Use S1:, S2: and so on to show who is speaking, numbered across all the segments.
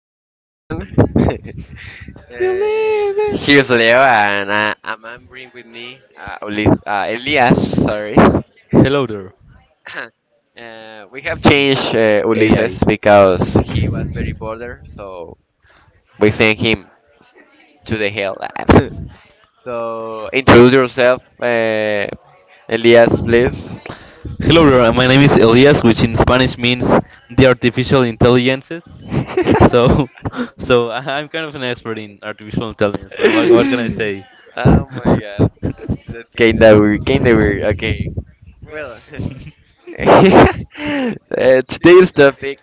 S1: Hello,
S2: stop
S1: everyone. uh,
S2: believing.
S1: here's Leo, and I'm bring with me Elias. Sorry.
S2: Hello there,
S1: We have changed Ulises
S2: AI.
S1: because he was very bored, so we sent him to the hell. So introduce yourself, Elias, please.
S2: Hello there, my name is Elias, which in Spanish means the artificial intelligences. So, I'm kind of an expert in artificial intelligence, man. What can I say?
S1: Oh my God, that kind of weird. Kind of weird. Okay. Well. Today's topic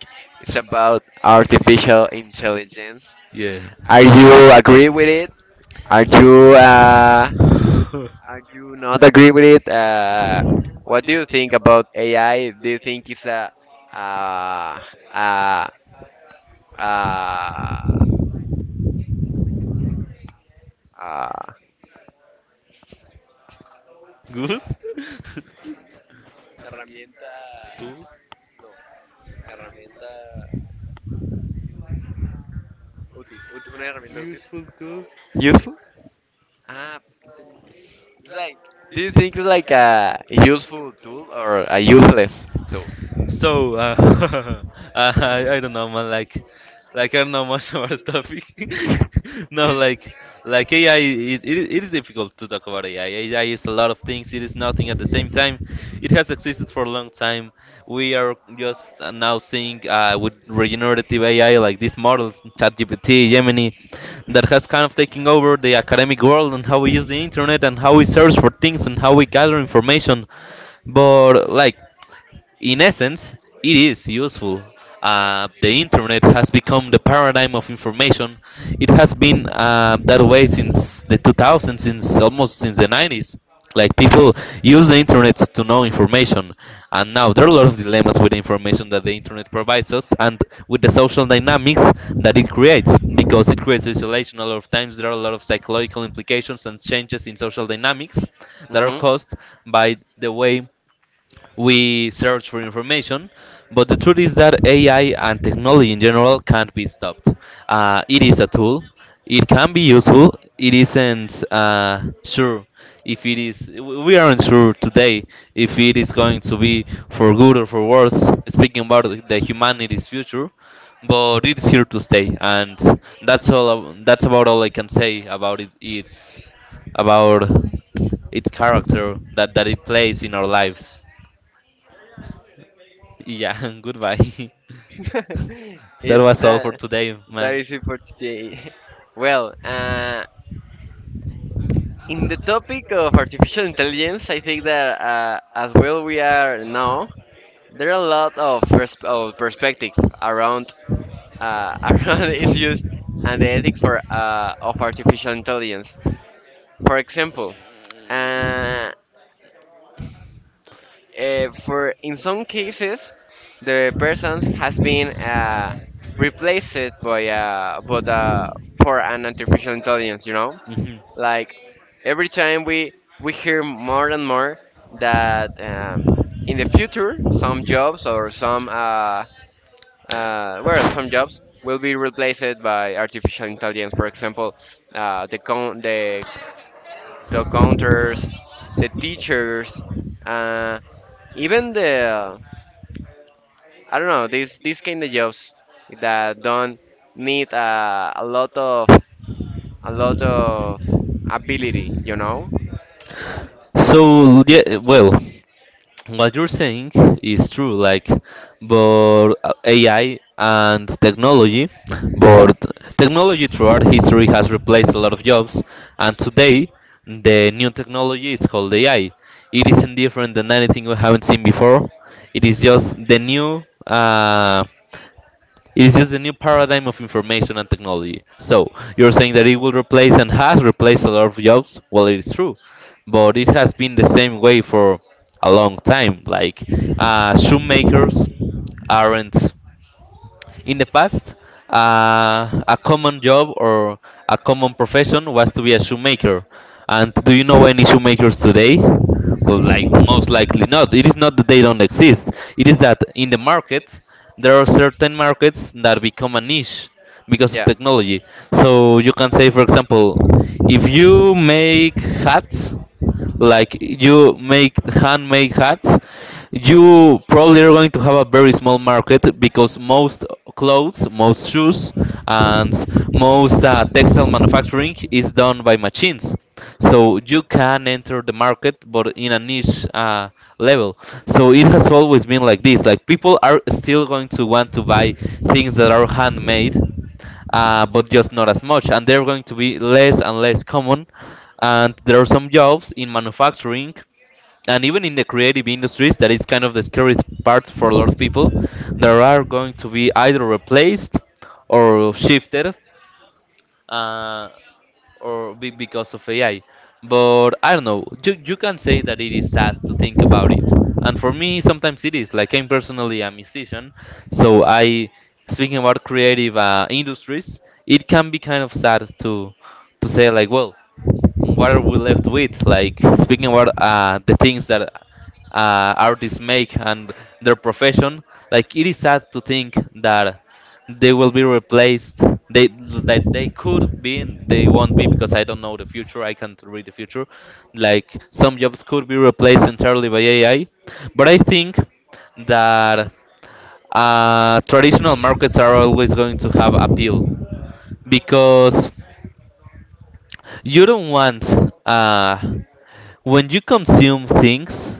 S1: is about artificial intelligence.
S2: Yeah.
S1: Are you agree with it? Are you uh, are you not agree with it? What do you think about AI? Do you think it's a uh, uh, uh, uh,
S2: Good?
S1: herramienta?
S2: Tool?
S1: No, herramienta útil. Una herramienta útil.
S2: Useful tool?
S1: Useful? Ah, pues, like, do you think it's like a useful tool or a useless tool?
S2: So, I don't know, man. Like I don't know much about the topic. No, like AI, it is difficult to talk about AI. AI is a lot of things. It is nothing at the same time. It has existed for a long time. We are just now seeing with regenerative AI, like these models, ChatGPT, Gemini, that has kind of taken over the academic world and how we use the internet and how we search for things and how we gather information. But, like, in essence, it is useful. The internet has become the paradigm of information. It has been that way since the 2000s, since almost since the 90s. Like, people use the internet to know information, and now there are a lot of dilemmas with the information that the internet provides us and with the social dynamics that it creates because it creates isolation. A lot of times there are a lot of psychological implications and changes in social dynamics that are
S1: Hmm.
S2: caused by the way we search for information, but the truth is that AI and technology in general can't be stopped. It is a tool, it can be useful, it isn't sure if it is, we aren't sure today if it is going to be for good or for worse, speaking about the humanity's future, but it's here to stay, and that's all. That's about all I can say about it. It's about its character that it plays in our lives. Yeah, goodbye. That
S1: It's
S2: was all for
S1: that
S2: today,
S1: that
S2: man.
S1: is it for today. Well, in the topic of artificial intelligence, I think that as well we are now there are a lot of, of perspective around around its use and the ethics for of artificial intelligence. For example, uh, for in some cases the person has been replaced by but for an artificial intelligence, you know,
S2: Mm. Mhm.
S1: like every time we hear more and more that in the future some jobs or some well, some jobs will be replaced by artificial intelligence. For example, the the counters, the teachers, uh, even the I don't know, these kind of jobs that don't need a lot of, a lot of ability, you know?
S2: So yeah, well, what you're saying is true. Like, but AI and technology, but technology throughout history has replaced a lot of jobs, and today the new technology is called AI. It isn't different than anything we haven't seen before. It is just the new. It's just a new paradigm of information and technology. So you're saying that it will replace and has replaced a lot of jobs. Well, it is true, but it has been the same way for a long time. Like, shoemakers aren't. In the past, a common job or a common profession was to be a shoemaker. And do you know any shoemakers today? Well, like, most likely not. It is not that they don't exist. It is that in the market, there are certain markets that become a niche because of
S1: Yeah,
S2: technology. So you can say, for example, if you make hats, like, you make handmade hats, you probably are going to have a very small market because most clothes, most shoes, and most textile manufacturing is done by machines. So you can enter the market, but in a niche level. So it has always been like this. Like, people are still going to want to buy things that are handmade, but just not as much, and they're going to be less and less common. And there are some jobs in manufacturing and even in the creative industries that is kind of the scary part for a lot of people. There are going to be either replaced or shifted uh, or be because of AI. But I don't know, you can say that it is sad to think about it, and for me sometimes it is like I'm personally a musician, so I, speaking about creative industries, it can be kind of sad to say, like, well, and what are we left with? Like, speaking about the things that artists make and their profession, like, it is sad to think that they will be replaced. They That they could be, and they won't be because I don't know the future. I can't read the future. Like, some jobs could be replaced entirely by AI, but I think that traditional markets are always going to have appeal, because you don't want, uh, when you consume things.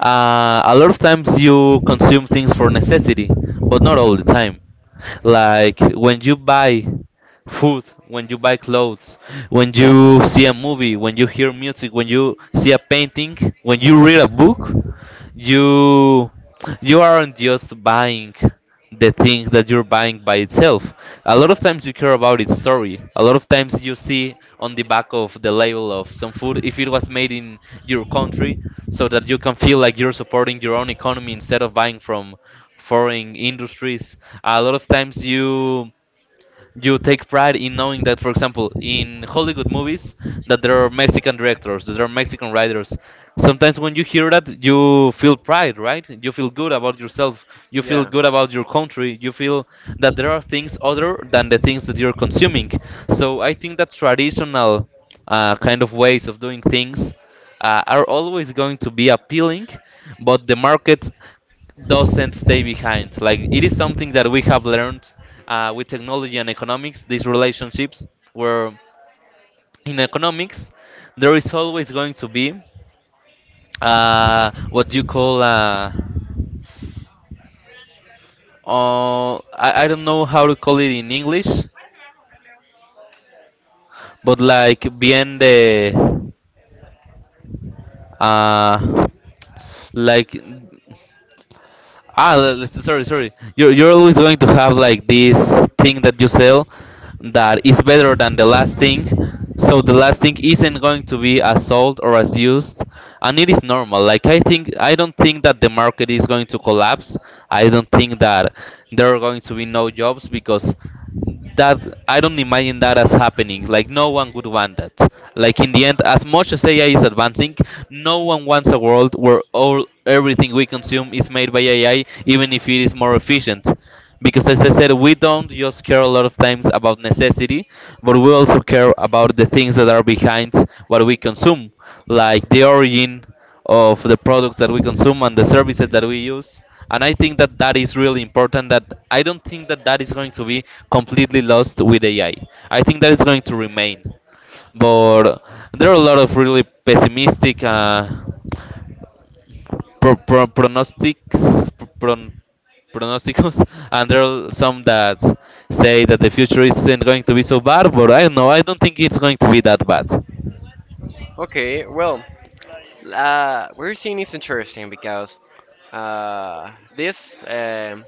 S2: A lot of times you consume things for necessity, but not all the time. Like, when you buy food, when you buy clothes, when you see a movie, when you hear music, when you see a painting, when you read a book. You you aren't just buying the thing that you're buying by itself. A lot of times you care about its story. A lot of times you see on the back of the label of some food if it was made in your country, so that you can feel like you're supporting your own economy instead of buying from foreign industries. A lot of times you take pride in knowing that, for example, in Hollywood movies, that there are Mexican directors, that there are Mexican writers. Sometimes when you hear that, you feel pride, right? You feel good about yourself. You feel
S1: yeah.
S2: good about your country. You feel that there are things other than the things that you're consuming. So I think that traditional kind of ways of doing things are always going to be appealing, but the market doesn't stay behind. Like, it is something that we have learned with technology and economics. These relationships, where in economics there is always going to be what you call I don't know how to call it in English, but like bien de uh, like, ah, sorry, sorry. You're always going to have like this thing that you sell that is better than the last thing. So the last thing isn't going to be as sold or as used, and it is normal. Like, I think, I don't think that the market is going to collapse. I don't think that there are going to be no jobs, because that I don't imagine that as happening. Like, no one would want that. Like, in the end, as much as AI is advancing, no one wants a world where all everything we consume is made by AI, even if it is more efficient. Because as I said, we don't just care a lot of times about necessity, but we also care about the things that are behind what we consume, like the origin of the products that we consume and the services that we use. And I think that that is really important. That, I don't think that that is going to be completely lost with AI. I think that is going to remain. But there are a lot of really pessimistic pronostics, pron- pronosticos, and there are some that say that the future isn't going to be so bad. But I don't know. I don't think it's going to be that bad.
S1: Okay, well, we're seeing it's interesting because uh, this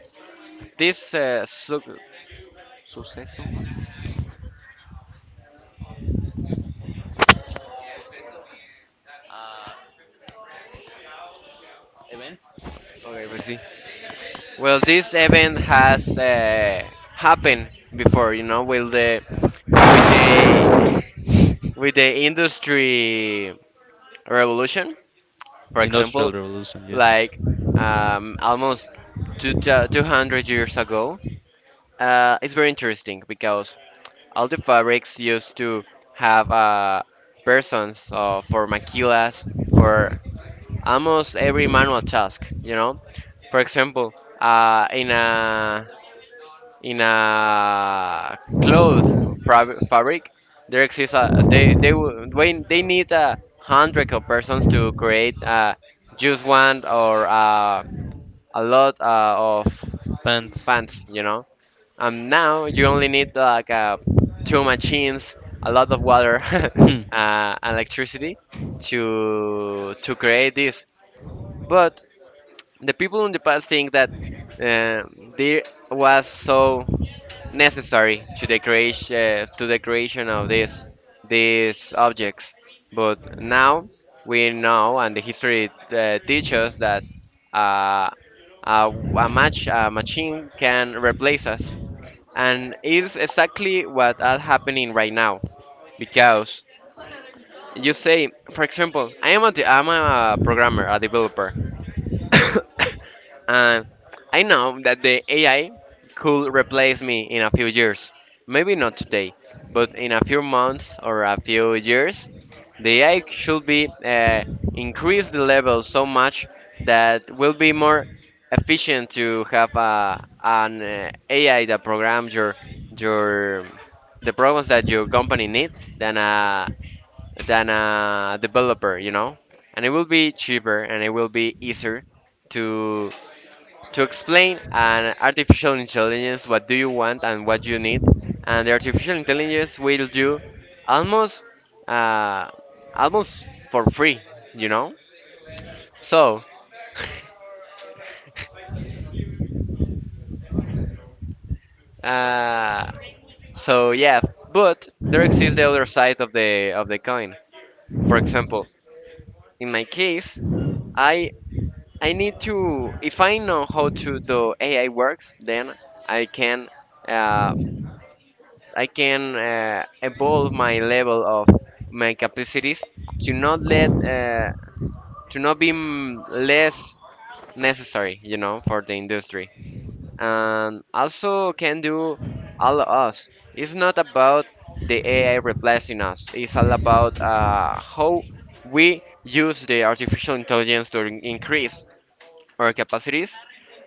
S1: this uh, so-
S2: Events.
S1: okay, let's see. Well, this event has happened before, you know, with the with the industry revolution, for
S2: Industrial
S1: example.
S2: Revolution, yeah.
S1: Like almost two, 200 years ago. It's very interesting because all the fabrics used to have persons for maquilas for almost every manual task, you know. For example, uh, in a in a cloth fabric, there exists a when they need a hundred of persons to create just one or a lot of
S2: Pants.
S1: pants, you know. And now you only need like two machines, a lot of water,
S2: Hmm.
S1: and electricity to create this. But the people in the past think that uh, there was so necessary to decorate to the creation of these objects. But now we know, and the history teaches that uh, a, a machine can replace us, and it's exactly what is happening right now. Because you say, for example, I'm a programmer, a developer. And I know that the AI could replace me in a few years. Maybe not today, but in a few months or a few years, the AI should be increase the level so much that will be more efficient to have a, an AI that programs your the programs that your company needs than a developer, you know. And it will be cheaper and it will be easier to to explain an artificial intelligence what do you want and what you need, and the artificial intelligence will do almost uh, almost for free, you know. So uh, so yeah, but there exists the other side of the coin. For example, in my case, I I need to if I know how to the AI works, then I can uh, evolve my level of my capacities to not let to not be less necessary, you know, for the industry. And also can do all of us. It's not about the AI replacing us. It's all about how we use the artificial intelligence to increase our capacities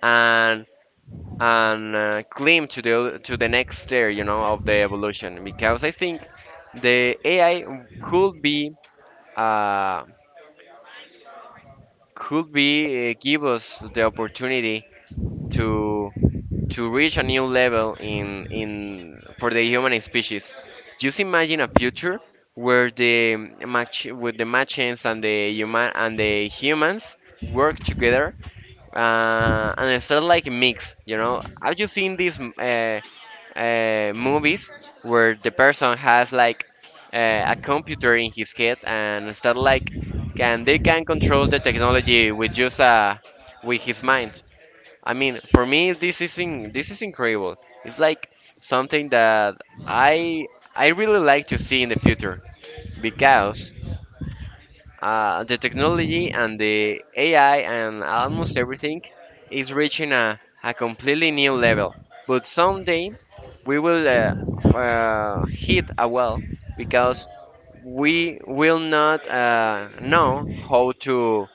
S1: and climb to the next stair, you know, of the evolution. Because I think the AI could be uh, give us the opportunity to to reach a new level in for the human species. Just imagine a future where the match with the machines and the human and the humans work together, and it's sort of like mix, you know. Have you seen this movies where the person has like uh, a computer in his head and start like can they can control the technology with just with his mind. I mean, for me, this is this is incredible. It's like something that I I really like to see in the future because the technology and the AI and almost everything is reaching a completely new level. But someday we will hit a wall because we will not know how to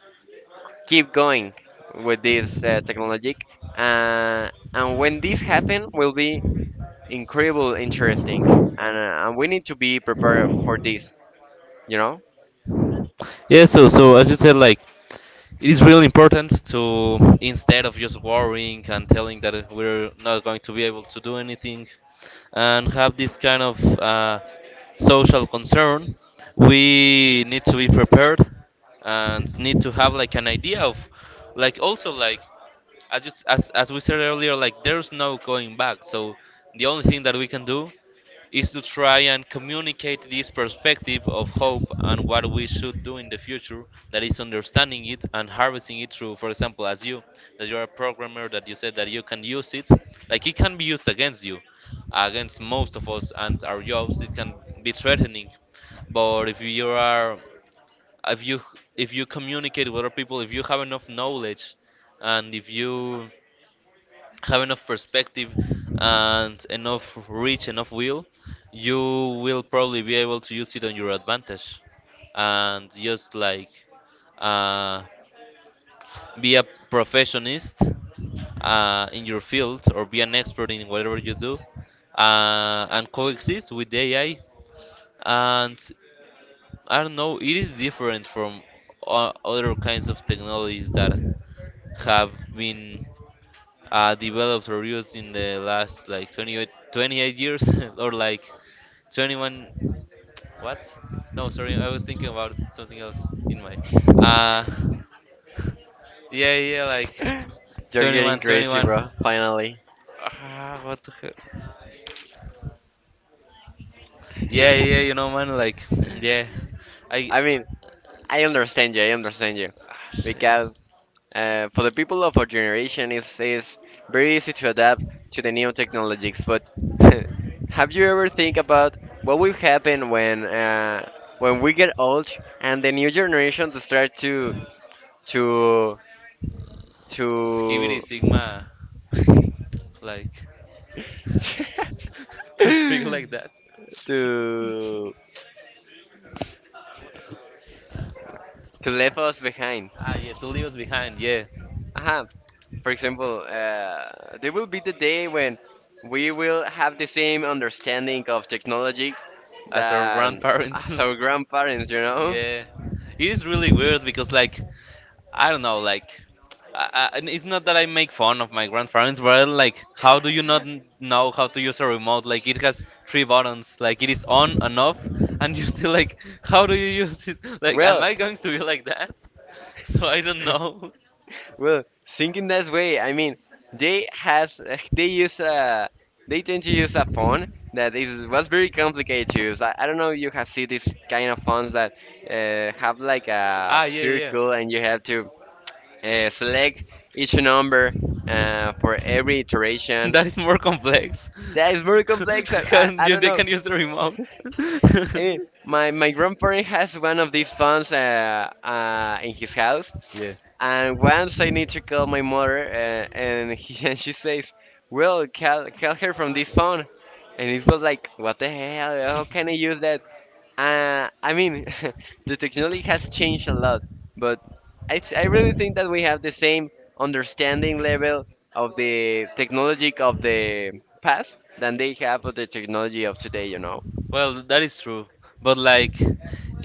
S1: keep going with this technology. Uh, and when this happen, will be incredible, interesting, and we need to be prepared for this. You know,
S2: Yeah, so as you said, like, it is really important, to instead of just worrying and telling that we're not going to be able to do anything and have this kind of social concern, we need to be prepared and need to have like an idea of, like, also, like, as just as we said earlier, like, there's no going back. So the only thing that we can do is to try and communicate this perspective of hope and what we should do in the future, that is understanding it and harvesting it through, for example, as you, that you're a programmer, that you said that you can use it. Like, it can be used against you, against most of us and our jobs, it can be threatening. But if you if you communicate with other people, if you have enough knowledge and if you have enough perspective and enough reach, enough will, you will probably be able to use it on your advantage and just like, uh, be a professionist in your field or be an expert in whatever you do, and coexist with the AI. And I don't know, it is different from other kinds of technologies that have been developed or used in the last, like, 28, 28 years or like 21, what? No, sorry, I was thinking about something else in my uh yeah, yeah, like,
S1: you're getting
S2: 21,
S1: crazy,
S2: 21,
S1: bro. Finally.
S2: ah, what the hell? Yeah, yeah, man, like, yeah, I,
S1: I mean, I understand you. I understand you
S2: ah,
S1: because
S2: shit.
S1: for the people of our generation, it's very easy to adapt to the new technologies. But have you ever think about what will happen when we get old and the new generations start to
S2: Skibidi
S1: to
S2: sigma, like, to speak like that.
S1: to to leave us behind?
S2: Ah, yeah, to leave us behind, yeah,
S1: Aha. For example, there will be the day when we will have the same understanding of technology
S2: as our
S1: than
S2: grandparents.
S1: as our grandparents, you know?
S2: Yeah, it is really weird because, like, I don't know, like, and it's not that I make fun of my grandparents, but, like, how do you not know how to use a remote? Like, it has three buttons, like, it is on and off, and you're still like, how do you use this? Like, am
S1: Well,
S2: I going to be like that? So I don't know.
S1: well, thinking that way, I mean, they has they use a they tend to use a phone that is was very complicated to use. I don't know if you have seen these kind of phones that have like a
S2: Ah, yeah, yeah.
S1: circle and you have to select each number for every iteration.
S2: That is more complex.
S1: That is very complex.
S2: Can
S1: I
S2: you,
S1: don't
S2: they
S1: know.
S2: can use the remote.
S1: I mean, my grandparent has one of these phones in his house. And once I need to call my mother, and she says, "Well, call, call her from this phone." And it was like, "What the hell? How can I use that?" I mean, the technology has changed a lot, but I really think that we have the same understanding level of the technology of the past than they have of the technology of today, you know.
S2: Well, that is true, but like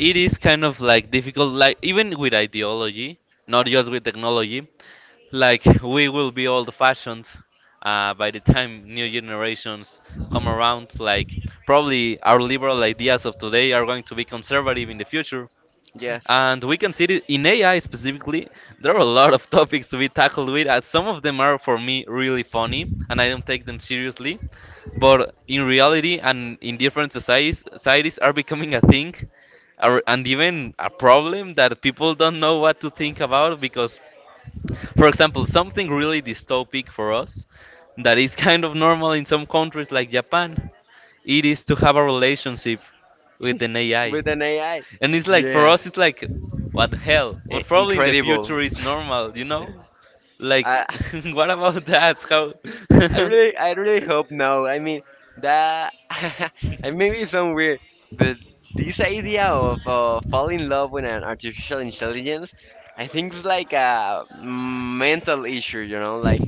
S2: it is kind of like difficult like even with ideology, not just with technology. Like we will be old fashioned by the time new generations come around. Like probably our liberal ideas of today are going to be conservative in the future.
S1: Yes,
S2: And we can see it in AI specifically. There are a lot of topics to be tackled with, as some of them are for me really funny, and I don't take them seriously. But in reality, and in different societies, societies are becoming a thing, or- and even a problem that people don't know what to think about. Because, for example, something really dystopic for us, that is kind of normal in some countries like Japan, it is to have a relationship with an AI.
S1: with an AI.
S2: And it's like for
S1: Yeah,
S2: us, it's like, what the hell?
S1: I-
S2: But probably in the
S1: incredible.
S2: future it's normal, Like,
S1: I,
S2: what about that?
S1: I really hope no. I mean, that I maybe it's some weird, but this idea of falling in love with an artificial intelligence, I think it's like a mental issue, you know, like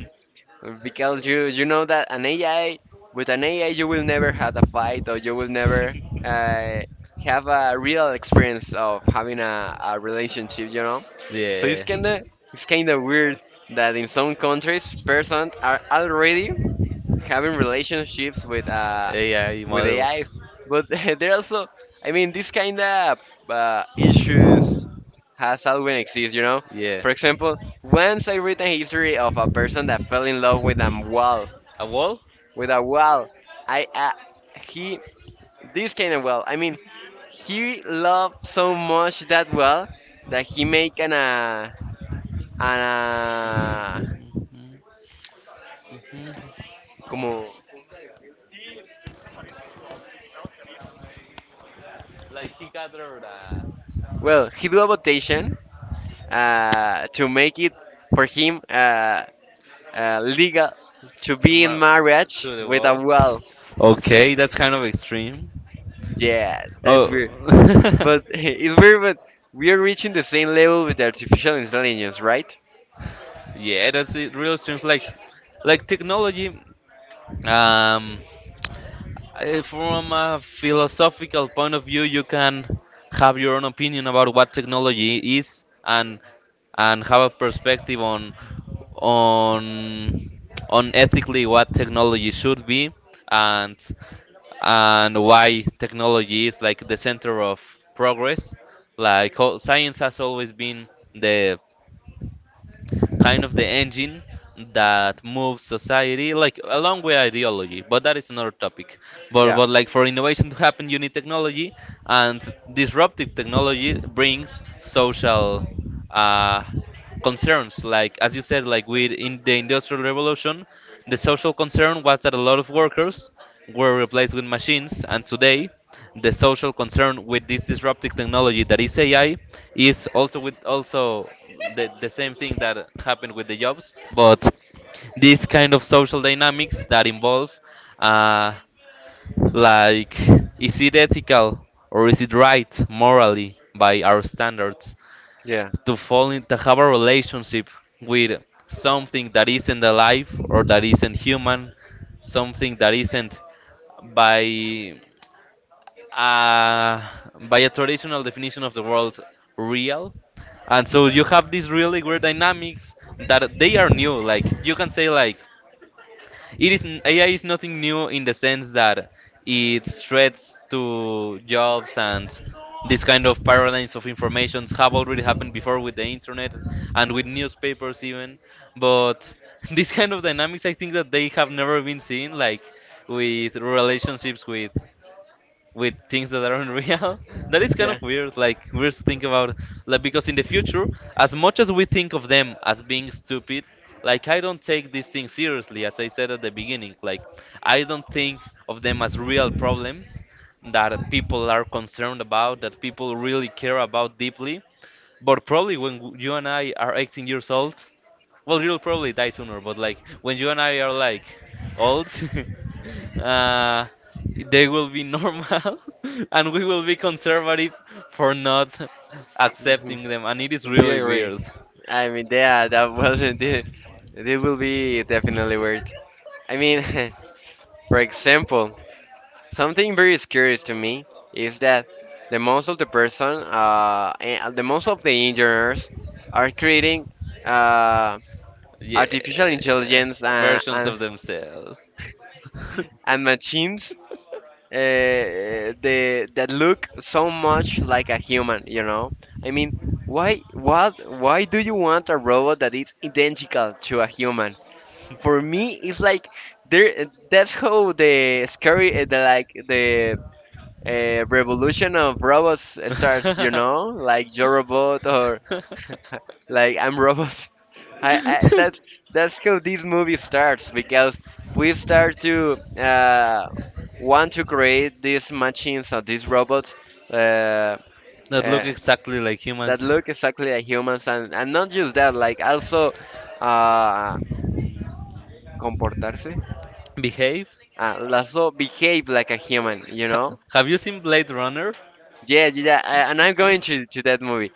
S1: because you know that an AI with an AI you will never have a fight or you will never uh, have
S2: How?
S1: a real experience of having a relationship, you know. So
S2: Yeah.
S1: it's kinda weird that in some countries persons are already having relationships with
S2: AI
S1: AI,
S2: models.
S1: but they're also I mean this kind of issues has always exist, you know.
S2: Yeah.
S1: For example, once I read a history of a person that fell in love with a wall,
S2: A wall?
S1: with a wall. I he this kind of wall. I mean, he loved so much that wall that he make an
S2: Mhm, mhm,
S1: como, well, he do a votation to make it for
S2: mhm.
S1: him legal to
S2: To
S1: be in
S2: my,
S1: marriage
S2: to the
S1: with a
S2: wall.
S1: wall.
S2: Okay, that's kind of extreme.
S1: Yeah, that's
S2: Oh.
S1: weird. But it's weird, but we are reaching the same level with artificial intelligence, right?
S2: Yeah, that's it. Real streams like technology. Um, from a philosophical point of view, you can have your own opinion about what technology is and have a perspective on on ethically what technology should be and and why technology is like the center of progress. Like ho- science has always been the kind of the engine that moves society, like along with ideology. But that is another topic.
S1: Yeah,
S2: But like for innovation to happen, you need technology, and disruptive technology brings social uh, concerns. Like as you said, like with in the industrial revolution, the social concern was that a lot of workers were replaced with machines, and today the social concern with this disruptive technology that is AI is also with also the same thing that happened with the jobs, but these kind of social dynamics that involve uh, like is it ethical or is it right morally by our standards
S1: yeah,
S2: to fall in to have a relationship with something that isn't alive or that isn't human, something that isn't by uh, by a traditional definition of the world real, and so you have these really weird dynamics that they are new like you can say like it is n- AI is nothing new in the sense that it threats to jobs and these kind of paradigms of informations have already happened before with the internet and with newspapers even. But this kind of dynamics, I think that they have never been seen, like with relationships with things that aren't real. That is kind
S1: yeah.
S2: of weird. Like we're thinking about, like because in the future, as much as we think of them as being stupid, like I don't take these things seriously. As I said at the beginning, like I don't think of them as real problems that people are concerned about, that people really care about deeply. But probably when w- you and I are 18 years old, well, you'll probably die sooner, but like when you and I are like old, uh, they will be normal, and we will be conservative for not
S1: Hmm.
S2: accepting them, and it is
S1: We
S2: really
S1: agree.
S2: weird.
S1: I mean, yeah, that wasn't it. It will be definitely weird. I mean, for example, something very scary to me is that the most of the engineers are creating, uh,
S2: Yeah,
S1: artificial intelligence
S2: versions of themselves.
S1: and machines that look so much like a human, you know. I mean, why what why do you want a robot that is identical to a human? For me, it's like there that's how the scary the like the revolution of robots starts, you know, like "Your Robot" or like "I'm Robot." I that's how this movie starts, because we start to want to create these machines or these robots uh,
S2: That look
S1: uh,
S2: exactly like
S1: that
S2: humans.
S1: look exactly like humans and not just that, like also uh,
S2: Mm.
S1: comportarse,
S2: Behave?
S1: also behave like a human, you
S2: Ha-
S1: know.
S2: have you seen Blade Runner?
S1: Yeah, and I'm
S2: Blade-
S1: going to that movie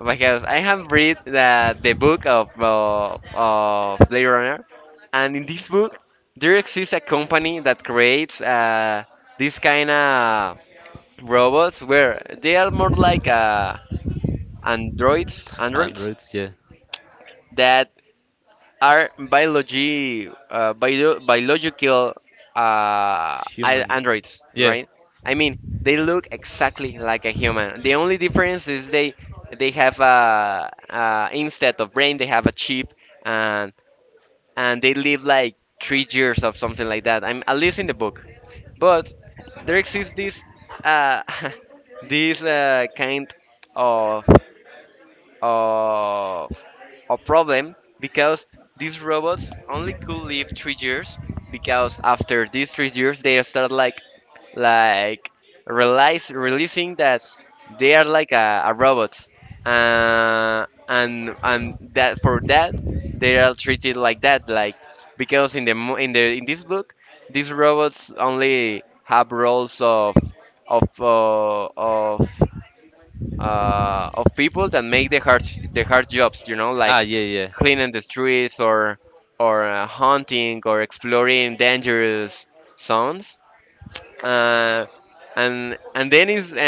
S1: because I have read that the book of of Blade Runner, and in this book there exists a company that creates this kind of robots where they are more like androids
S2: Androids, yeah.
S1: that are biological
S2: Human.
S1: androids,
S2: Yeah.
S1: right? I mean, they look exactly like a human. The only difference is they have a, uh, instead of brain they have a chip, and and they live like 3 years or something like that. I'm at least in the book, but there exists this uh, this kind of of a problem because these robots only could live 3 years, because after these 3 years they start like realize releasing that they are like a robot, and that for that they are treated like that, like because in the in this book these robots only have roles of of uh, of of people that make the hard, the hard jobs. You know, like
S2: Ah, yeah, yeah.
S1: cleaning the streets or hunting or exploring dangerous zones. Uh, and then is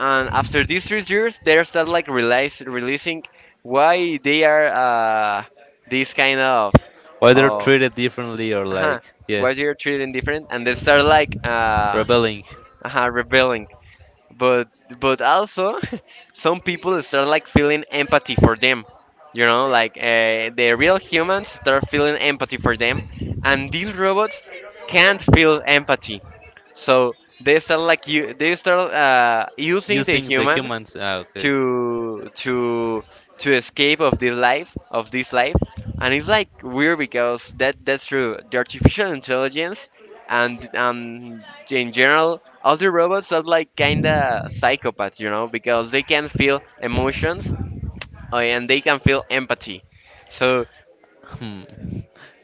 S1: and after these 3 years, they start like realize releasing why they are this kind of
S2: Why they're
S1: oh,
S2: treated differently or
S1: uh-huh,
S2: like, yeah,
S1: why they're treated different, and they start like
S2: rebelling.
S1: rebelling, but but also some people start like feeling empathy for them, you know, like the real humans start feeling empathy for them, and these robots can't feel empathy, so they start like you they start using the
S2: Using the
S1: human
S2: humans. Ah, okay.
S1: to to escape of the life of this life. And it's like weird because that that's true the artificial intelligence and in general all the robots are like kinda psychopaths, you know, because they can feel emotions, and they can feel empathy. So
S2: Hmm.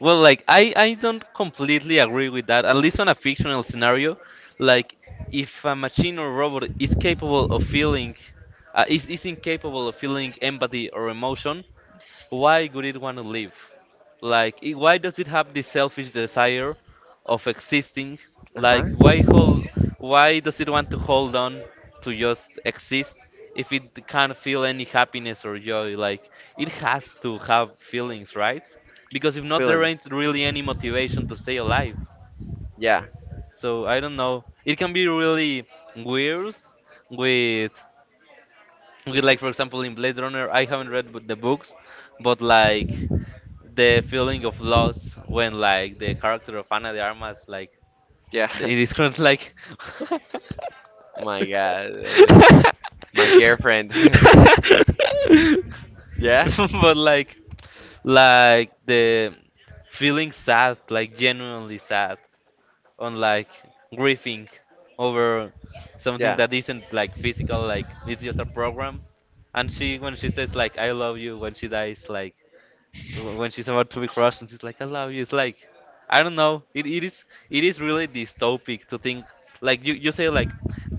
S2: Well, like I don't completely agree with that. At least on a fictional scenario, like if a machine or robot is capable of feeling, is incapable of feeling empathy or emotion, why would it want to live? Like, I- why does it have this selfish desire of existing? Like,
S1: uh-huh
S2: why hold? Why does it want to hold on to just exist if it can't feel any happiness or joy? Like, it has to have feelings, right? Because if not, there
S1: feeling
S2: ain't really any motivation to stay alive.
S1: yeah
S2: So I don't know. It can be really weird with, with like for example in Blade Runner. I haven't read bu- the books, but like the feeling of loss when like the character of Ana de Armas like
S1: yeah
S2: it is kind of like
S1: my god, it's my girlfriend. Yeah,
S2: but like the feeling sad like genuinely sad on like grieving over something
S1: yeah,
S2: that isn't like physical like it's just a program, and she when she says like I love you when she dies like wh- when she's about to be crushed and she's like, "I love you." It's like, I don't know. It is it is really dystopic to think like you say like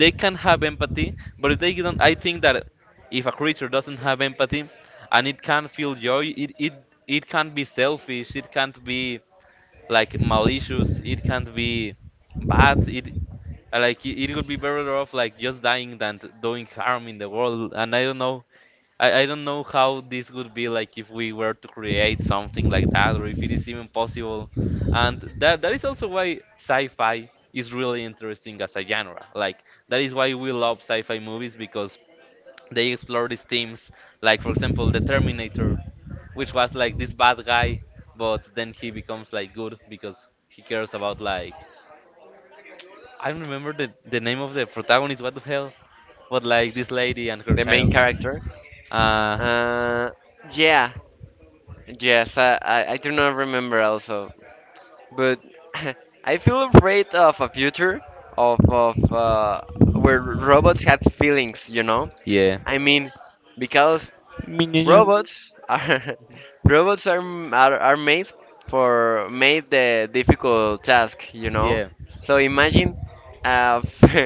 S2: they can have empathy, but if they don't, I think that if a creature doesn't have empathy and it can feel joy, it can't be selfish. It can't be like malicious. It can't be bad. It like it would be better off like just dying than t- doing harm in the world. And I don't know. I don't know how this would be like if we were to create something like that or if it is even possible. And that that is also why sci-fi is really interesting as a genre. Like that is why we love sci-fi movies because they explore these themes, like for example the Terminator, which was like this bad guy, but then he becomes like good because he cares about like I don't remember the name of the protagonist, what the hell? But like this lady and her
S1: the main
S2: child.
S1: character,
S2: Uh.
S1: uh yeah yes, I do not remember also, but I feel afraid of a future of where
S2: Mhm.
S1: robots have feelings. You know,
S2: Yeah.
S1: I mean, because
S2: Miñeña. Mhm.
S1: robots are robots are m- are made for made the difficult task. You know,
S2: Yeah.
S1: so imagine uh,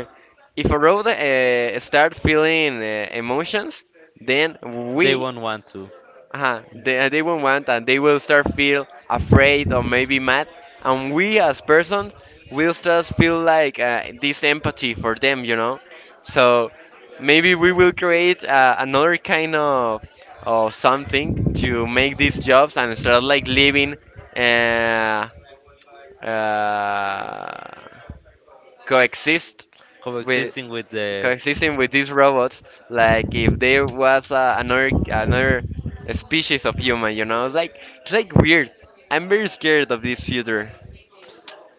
S1: if a robot starts feeling emotions, then
S2: They
S1: we
S2: won't want to.
S1: uh-huh. They will want, and they will start feel afraid or maybe mad. And we as persons will start feel like this empathy for them, you know. So maybe we will create another kind of something to make these jobs, and start like living uh, uh, coexist
S2: Coexisting with the.
S1: coexisting with these robots, like if there was another species of human, you know? Like, it's like weird. I'm very scared of this future.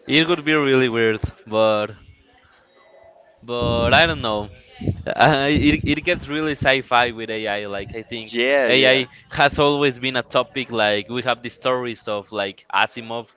S2: It would be really weird, but but I don't know. It, it gets really sci-fi with AI. Like I think
S1: Yeah, yeah,
S2: AI has always been a topic. Like we have the stories of like Asimov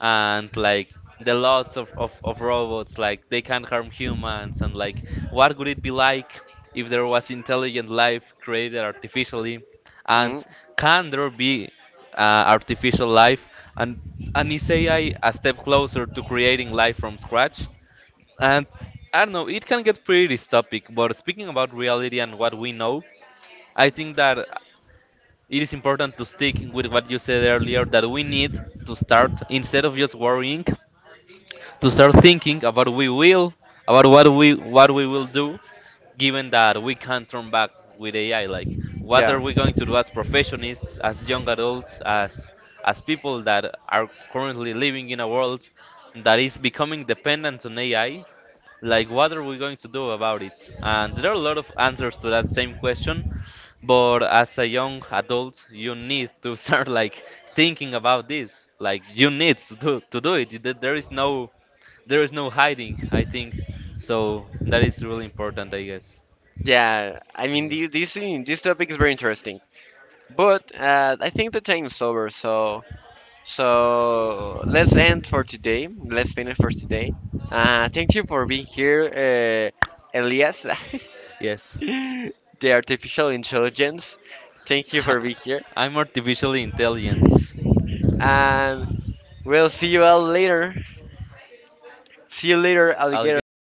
S2: and like the laws of robots. Like they can harm humans and like what would it be like if there was intelligent life created artificially? And
S1: hmm,
S2: can there be uh, artificial life? And and is AI a step closer to creating life from scratch? And I don't know, it can get pretty dystopic, but speaking about reality and what we know, I think that it is important to stick with what you said earlier that we need to start instead of just worrying to start thinking about we will about what we will do given that we can't turn back with AI. Like, what
S1: yeah,
S2: are we going to do as professionists, as young adults, as people that are currently living in a world that is becoming dependent on AI? Like, what are we going to do about it? And there are a lot of answers to that same question, but as a young adult, you need to start like thinking about this. Like, you need to do it. There there is no hiding, I think. So that is really important, I guess.
S1: yeah.
S2: I
S1: I mean,
S2: guess.
S1: the, this thing- this topic is very interesting, but I think the time is over. So so let's end for today. Let's finish for today. Thank you for being here, Elias,
S2: Yes.
S1: the artificial intelligence. Thank you for being here.
S2: I'm artificially intelligent.
S1: And we'll see you all later. See you later, alligator.
S2: Alligator.